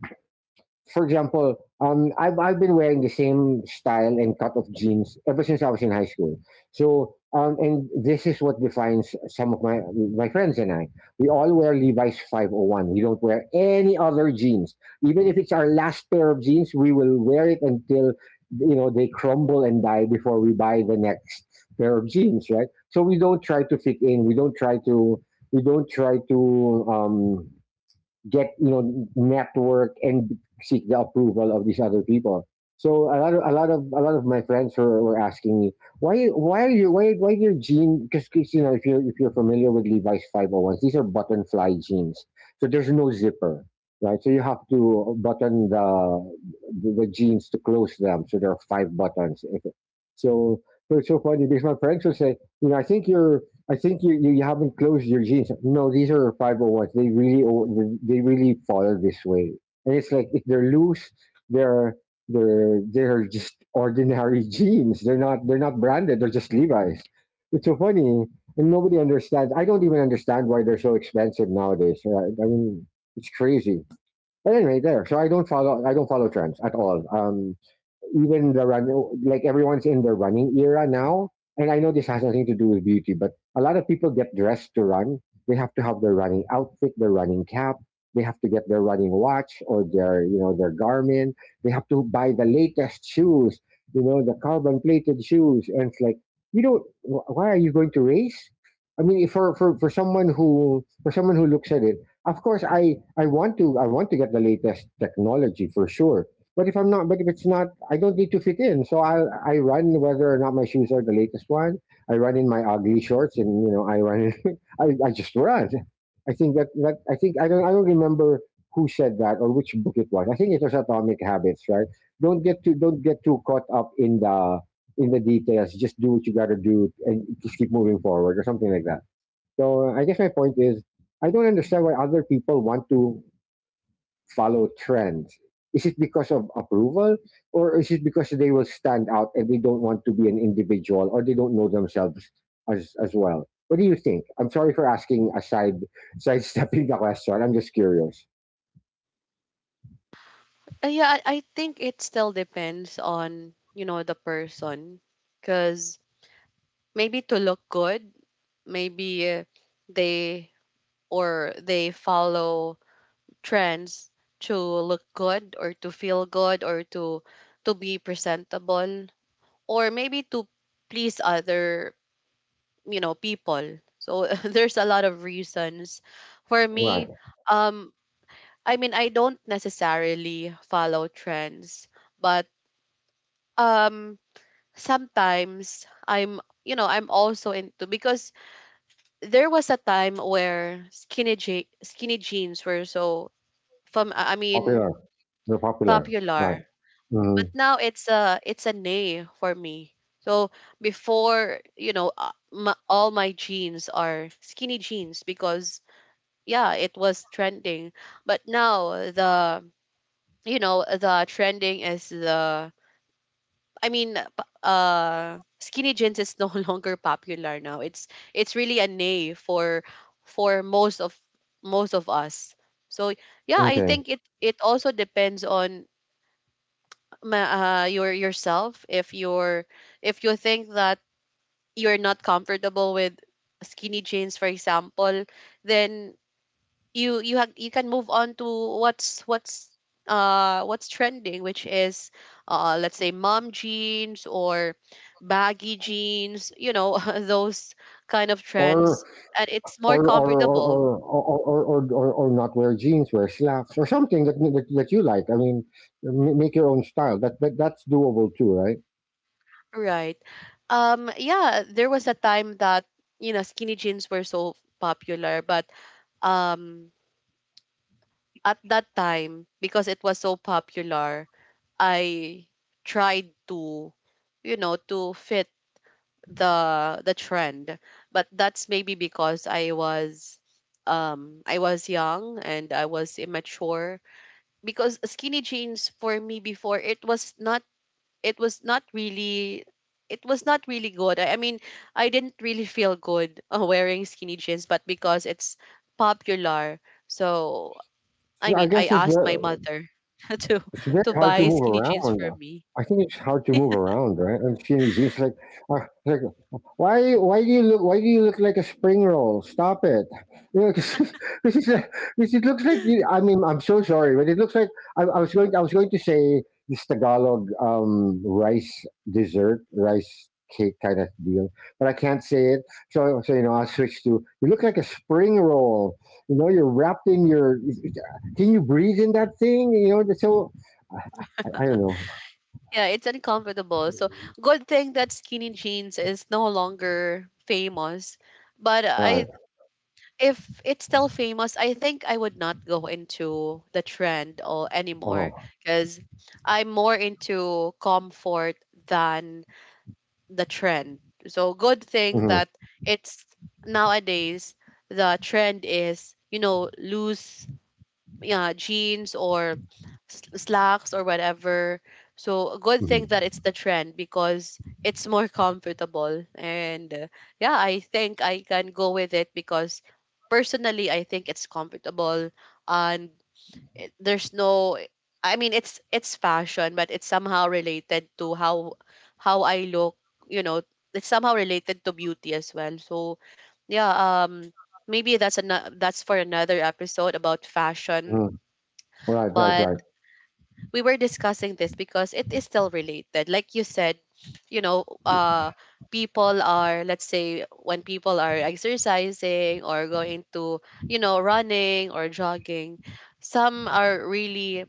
B: For example, I've been wearing the same style and cut of jeans ever since I was in high school. So, and this is what defines some of my friends and I. We all wear Levi's 501. We don't wear any other jeans. Even if it's our last pair of jeans, we will wear it until, you know, they crumble and die before we buy the next pair of jeans, right? So we don't try to fit in. We don't try to we don't try to get, you know, network and seek the approval of these other people. So a lot of my friends were, asking me, why your gene? Because, you know, if you're, familiar with Levi's five hundred ones, these are button fly jeans, so there's no zipper, right? So you have to button the, the jeans to close them. So there are five buttons. So so it's so funny because my friends will say, you know, I think you're, I think you haven't closed your jeans. No, these are 501s. They really they really follow this way. And it's like, if they're loose, they're they're just ordinary (laughs) jeans. They're not branded. They're just Levi's. It's so funny, and nobody understands. I don't even understand why they're so expensive nowadays. Right? I mean, it's crazy. But anyway, there. So I don't follow trends at all. Even the run like everyone's in the running era now, and I know this has nothing to do with beauty, but a lot of people get dressed to run. They have to have their running outfit, their running cap, they have to get their running watch or their their Garmin, they have to buy the latest shoes, you know, the carbon plated shoes. And it's like, you don't why are you going to race? I mean, if for, for someone who looks at it, of course I want to I want to get the latest technology for sure, but if I'm not, but if it's not, I don't need to fit in. So I run whether or not my shoes are the latest one. I run in my ugly shorts, and I run. (laughs) I just run. I think I don't remember who said that or which book it was. I think it was Atomic Habits, right? Don't get too caught up in the details. Just do what you got to do and just keep moving forward, or something like that. So I guess my point is, I don't understand why other people want to follow trends. Is it because of approval, or is it because they will stand out and they don't want to be an individual, or they don't know themselves as well? What do you think? I'm sorry for asking, aside sidestepping the question. I'm just curious.
A: Uh, yeah, I think it still depends on, you know, the person, because maybe to look good, maybe they, or they follow trends to look good or to feel good or to be presentable, or maybe to please other, you know, people. So (laughs) there's a lot of reasons. For me,
B: Right.
A: um, I mean, I don't necessarily follow trends, but um, sometimes I'm, you know, I'm also into, because there was a time where skinny jeans were so, from, I mean,
B: Popular. They're popular.
A: popular.
B: Right. Hmm.
A: But now it's a nay for me. So before, you know, m all my jeans are skinny jeans because, yeah, it was trending. But now the, you know, the trending is the, I mean, skinny jeans is no (laughs) longer popular. Now it's really a nay for most of us. So yeah, I
B: Okay.
A: think it, it also depends on your yourself. If you're, if you think that you're not comfortable with skinny jeans, for example, then you have, you can move on to what's, uh, what's trending, which is, uh, let's say mom jeans or baggy jeans, you know, (laughs) those kind of
B: Or
A: trends, and it's more comfortable.
B: or not wear jeans, wear slacks, or something that you like. I mean, make your own style. That's doable too, right?
A: Right. Um, yeah, there was a time that, you know, skinny jeans were so popular, but um, at that time, because it was so popular, I tried to, you know, to fit the trend. But that's maybe because I was, um, I was young and I was immature. Because skinny jeans for me before, it was not, it was not really, it was not really good. I mean, I didn't really feel good wearing skinny jeans, but because it's popular, so I
B: So I
A: mean, I
B: guess it's
A: asked
B: very—
A: my mother (laughs) to
B: it's very hard to
A: buy
B: move
A: skinny jeans
B: around.
A: for me.
B: I think it's hard to move around, right? And skinny jeans, like, uh, like, why, why do you look like a spring roll? Stop it! You know, (laughs) because it looks like. You, I mean, I'm so sorry, but it looks like— I was going to say this Tagalog rice dessert, rice cake kind of deal, but I can't say it. So you know, I switched to. You look like a spring roll. You know, you're wrapped in your. Can you breathe in that thing? You know, so I, I don't know.
A: Yeah, it's uncomfortable. So good thing that skinny jeans is no longer famous. But
B: Right.
A: I, if it's still famous, I think I would not go into the trend or anymore
B: Oh.
A: because I'm more into comfort than the trend. So good thing
B: Hmm.
A: that it's nowadays the trend is, you know, loose, yeah, jeans or slacks or whatever. So a good thing that
B: Hmm.
A: it's the trend because it's more (laughs) comfortable. And Yeah, I think I can go with it because personally, I think it's comfortable and it, there's no, I mean, it's fashion, but it's somehow related to how I look. You know, it's somehow related to beauty as well. So yeah, um, maybe that's an, that's for another episode about fashion.
B: Hmm. Right. Right.
A: But
B: Right.
A: we were discussing this because it is still related. Like you said, you know, uh, people are, let's say when people are exercising or going to, you know, running or jogging, some are really,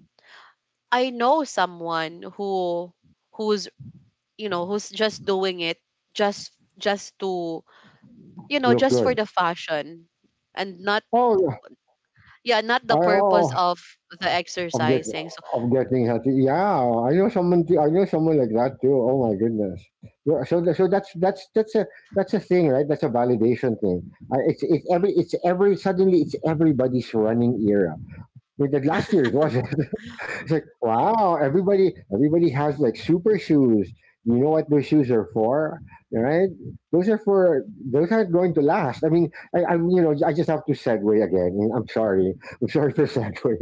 A: I know someone who who's, you know, who's just doing it, just just to, you know,
B: Look
A: just for
B: good.
A: the fashion and not,
B: Oh,
A: yeah, not the
B: I
A: purpose
B: oh,
A: of the
B: I'm getting—
A: exercising.
B: I'm getting healthy. Yeah, I know someone. I know someone like that too. Oh my goodness. Yeah, so so that's a thing, right? That's a validation thing. It's it's every— suddenly it's everybody's running era. I mean, the last year it was. (laughs) It's like, wow, everybody has like super shoes. You know what those shoes are for, right? Those are for— those aren't going to last. I mean, I'm, you know, I just have to segue again. I'm sorry for (laughs) segue.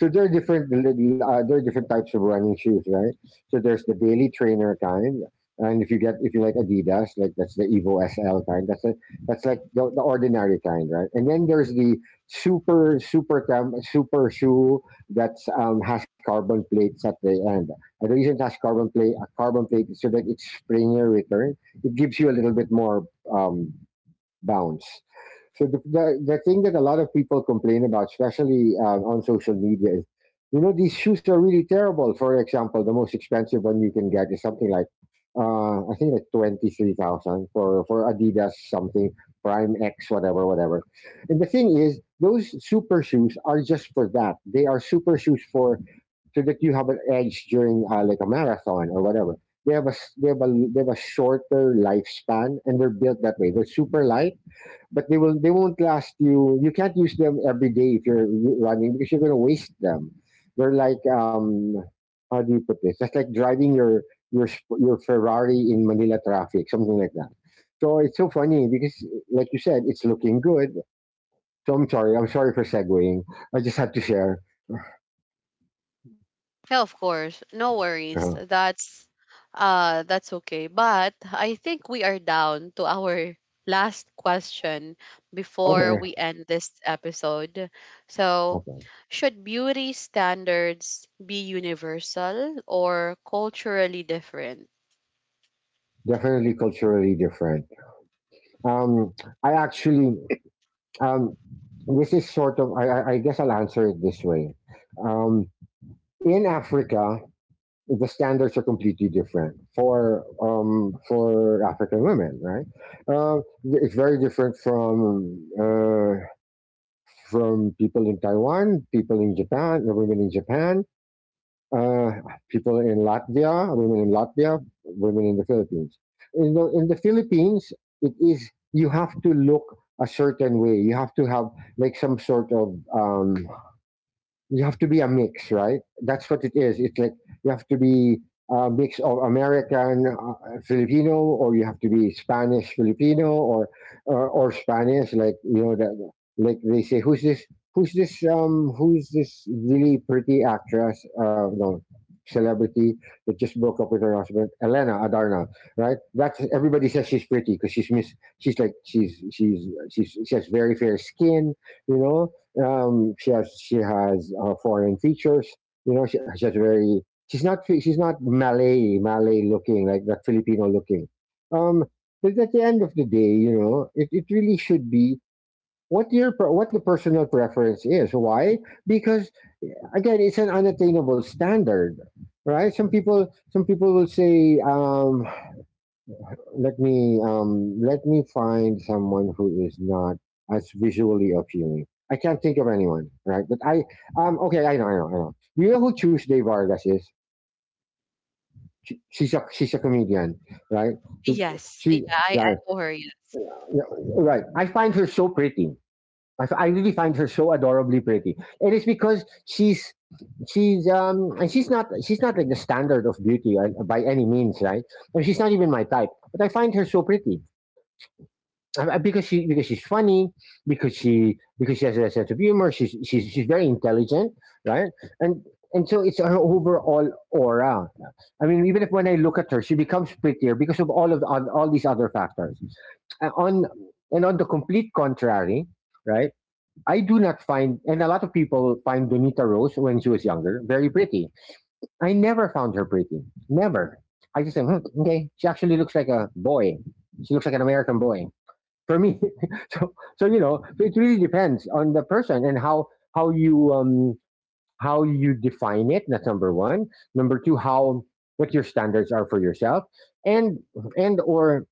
B: So there are different types of running shoes, right? So there's the daily trainer kind, and if you get— if you like Adidas, like that's the Evo SL kind. That's like the ordinary kind, right? And then there's the super super shoe that's has carbon plates at the end. And the reason it has carbon plate a carbon plate is so that it's springier return. It gives you a little bit more um, bounds. So the thing that a lot of people complain about, especially on social media, is you know, these shoes are really terrible. For example, the most expensive one you can get is something like I think like 23,000 for Adidas something Prime X whatever whatever. And the thing is, those super shoes are just for that. They are super shoes for— so that you have an edge during like a marathon or whatever. They have a they have a— they have a shorter lifespan, and they're built that way. They're super light, but they will— they won't last you. You can't use them every day if you're running, because you're going to waste them. They're like, how do you put this? That's like driving your your Ferrari in Manila traffic, something like that. So it's so funny because, like you said, it's looking good. So I'm sorry. I'm sorry for segueing. I just had to share.
A: Yeah, of course. No worries.
B: Uh-huh.
A: That's uh, that's okay. But I think we are down to our last question before
B: Okay.
A: we end this episode. So,
B: Okay.
A: should beauty standards be universal or culturally different?
B: Definitely culturally different. Um, I actually— Um, this is sort of— I guess I'll answer it this way. Um, in Africa, the standards are completely different for African women, right? Uh, it's very different from people in Taiwan, people in Japan, the women in Japan, uh, people in Latvia, women in Latvia, women in the Philippines. In the Philippines, it is— you have to look a certain way. You have to have like some sort of— you have to be a mix, right? That's what it is. It's like you have to be a mix of American, Filipino, or you have to be Spanish Filipino, or or Spanish. Like, you know that, like they say, who's this? Who's this? Who's this really pretty actress? No, celebrity that just broke up with her husband, Elena Adarna, right? That's— everybody says she's pretty because she's miss. She's like— she's she has very fair skin, you know, she has— she has foreign features. You know, she very. She's not Malay Malay looking like that Filipino looking. Um, but at the end of the day, you know, it really should be what your what the personal preference is. Why? Because again, it's an unattainable standard, right? Some people will say, let me find someone who is not as visually appealing. I can't think of anyone, right? But I— okay, I know. You know who Tuesday Vargas is? She's a— she's a comedian, right? She,
A: Yes. Yeah,
B: she
A: I
B: right,
A: know her. Yeah.
B: right. I find her so pretty. I really find her so adorably pretty. It is because she's— she's and she's not— she's not like the standard of beauty, by any means, right? And she's not even my type, but I find her so pretty. Because she— because she's funny, because she has a sense of humor. She's very intelligent, right? and and so it's her overall aura. I mean, even if— when I look at her, she becomes prettier because of all of all these other factors. On And on the complete contrary, right? I do not find— and a lot of people find Donita Rose when she was younger very pretty. I never found her pretty. Never. I just think, hmm, okay, she actually looks like a boy. She looks like an American boy, for me. (laughs) So, so you know, so it really depends on the person, and how— how you, how you define it. That's number 1. Number 2, how what your standards are for yourself, and and or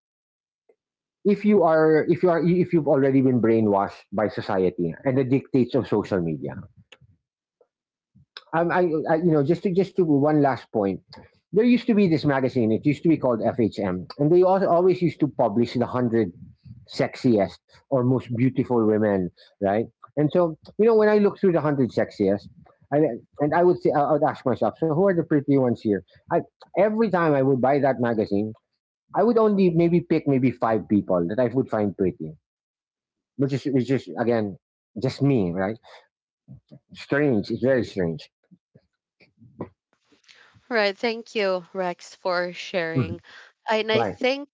B: if you are— if you've already been brainwashed by society and the dictates of social media. Um, I, I, you know, just to— just to one last point. There used to be this magazine. It used to be called FHM, and they also always used to publish the 100 sexiest or most beautiful women, right? And so, you know, when I look through the 100 sexiest, I, and I would say, I would ask myself, so who are the pretty ones here? I— every time I would buy that magazine, I would only maybe pick maybe 5 people that I would find pretty, which is— which is again just me, right? Strange. It's very strange.
A: Right. Thank you, Rex, for sharing.
B: Mhm.
A: And I
B: Right.
A: think,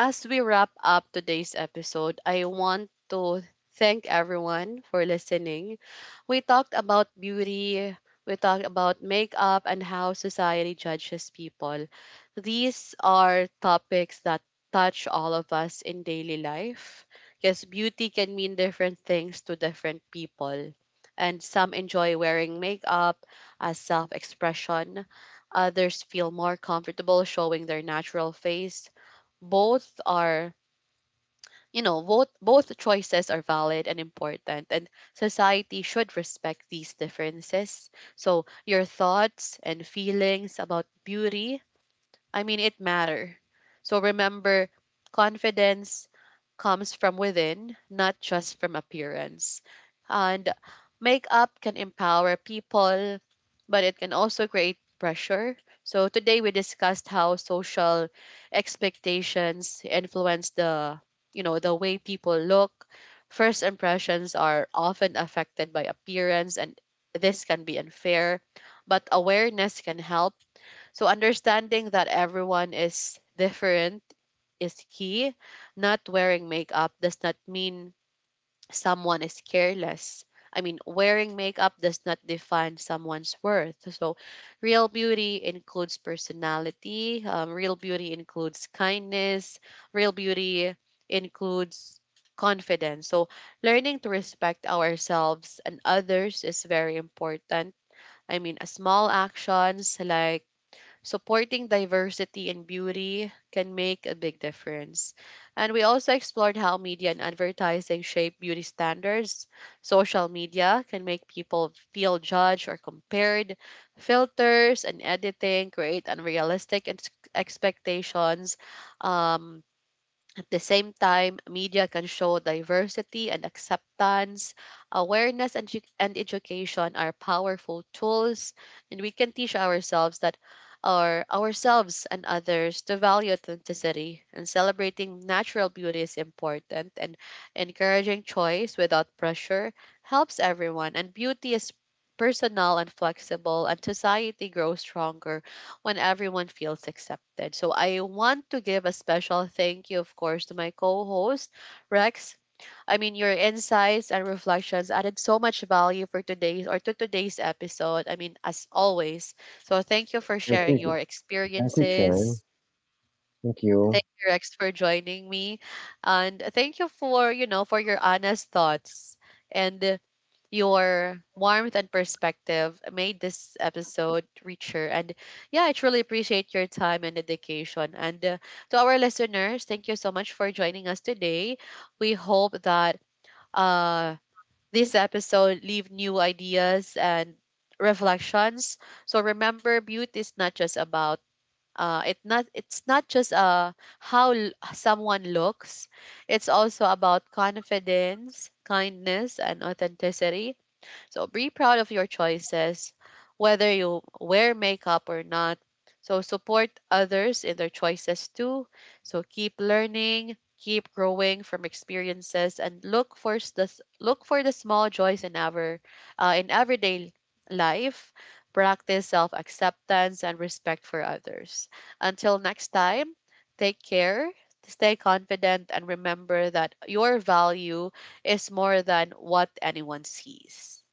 A: as we wrap up today's episode, I want to thank everyone for listening. We talked about beauty, we talked about makeup, and how society judges people. These are topics that touch all of us in daily life because beauty can mean different things to different people. And some enjoy wearing makeup as self expression, others feel more comfortable showing their natural face. Both are, you know, both, both choices are valid and important, and society should respect these differences. So your thoughts and feelings about beauty, I mean, it matter. So remember, confidence comes from within, not just from appearance. And makeup can empower people, but it can also create pressure. So today we discussed how social expectations influence the, you know, the way people look. First impressions are often affected by appearance, and this can be unfair, but awareness can help. So understanding that everyone is different is key. Not wearing makeup does not mean someone is careless. I mean, wearing makeup does not define someone's worth. So, real beauty includes personality, real beauty includes kindness, real beauty includes confidence. So, learning to respect ourselves and others is very important. I mean, a small actions like supporting diversity and beauty can make a big difference. And we also explored how media and advertising shape beauty standards. Social media can make people feel judged or compared. Filters and editing create unrealistic expectations. Um, at the same time, media can show diversity and acceptance. Awareness and and education are powerful tools, and we can teach ourselves that ourselves and others to value authenticity, and celebrating natural beauty is important, and encouraging choice without pressure helps everyone, and beauty is personal and flexible, and society grows stronger when everyone feels accepted. So I want to give a special thank you, of course, to my co host, Rex. I mean, your insights and reflections added so much value for today's, or to today's episode. I mean, as always. So thank you for
B: Thank
A: sharing your
B: you. Thank you, Chen.
A: experiences.
B: Thank you.
A: Thank you, Rex, for joining me. And thank you for, you know, for your honest thoughts. And your warmth and perspective made this episode richer. And yeah, I truly appreciate your time and dedication. And To our listeners, thank you so much for joining us today. We hope that uh, this episode leave new ideas and reflections. So remember, beauty is not just about, it not, it's not just, how someone looks. It's also about confidence, kindness, and authenticity. So be proud of your choices, whether you wear makeup or not. So support others in their choices too. So keep learning, keep growing from experiences, and look for look for the small joys in our in everyday life. Practice self acceptance and respect for others. Until next time, take care, stay confident, and remember that your value is more than what anyone sees.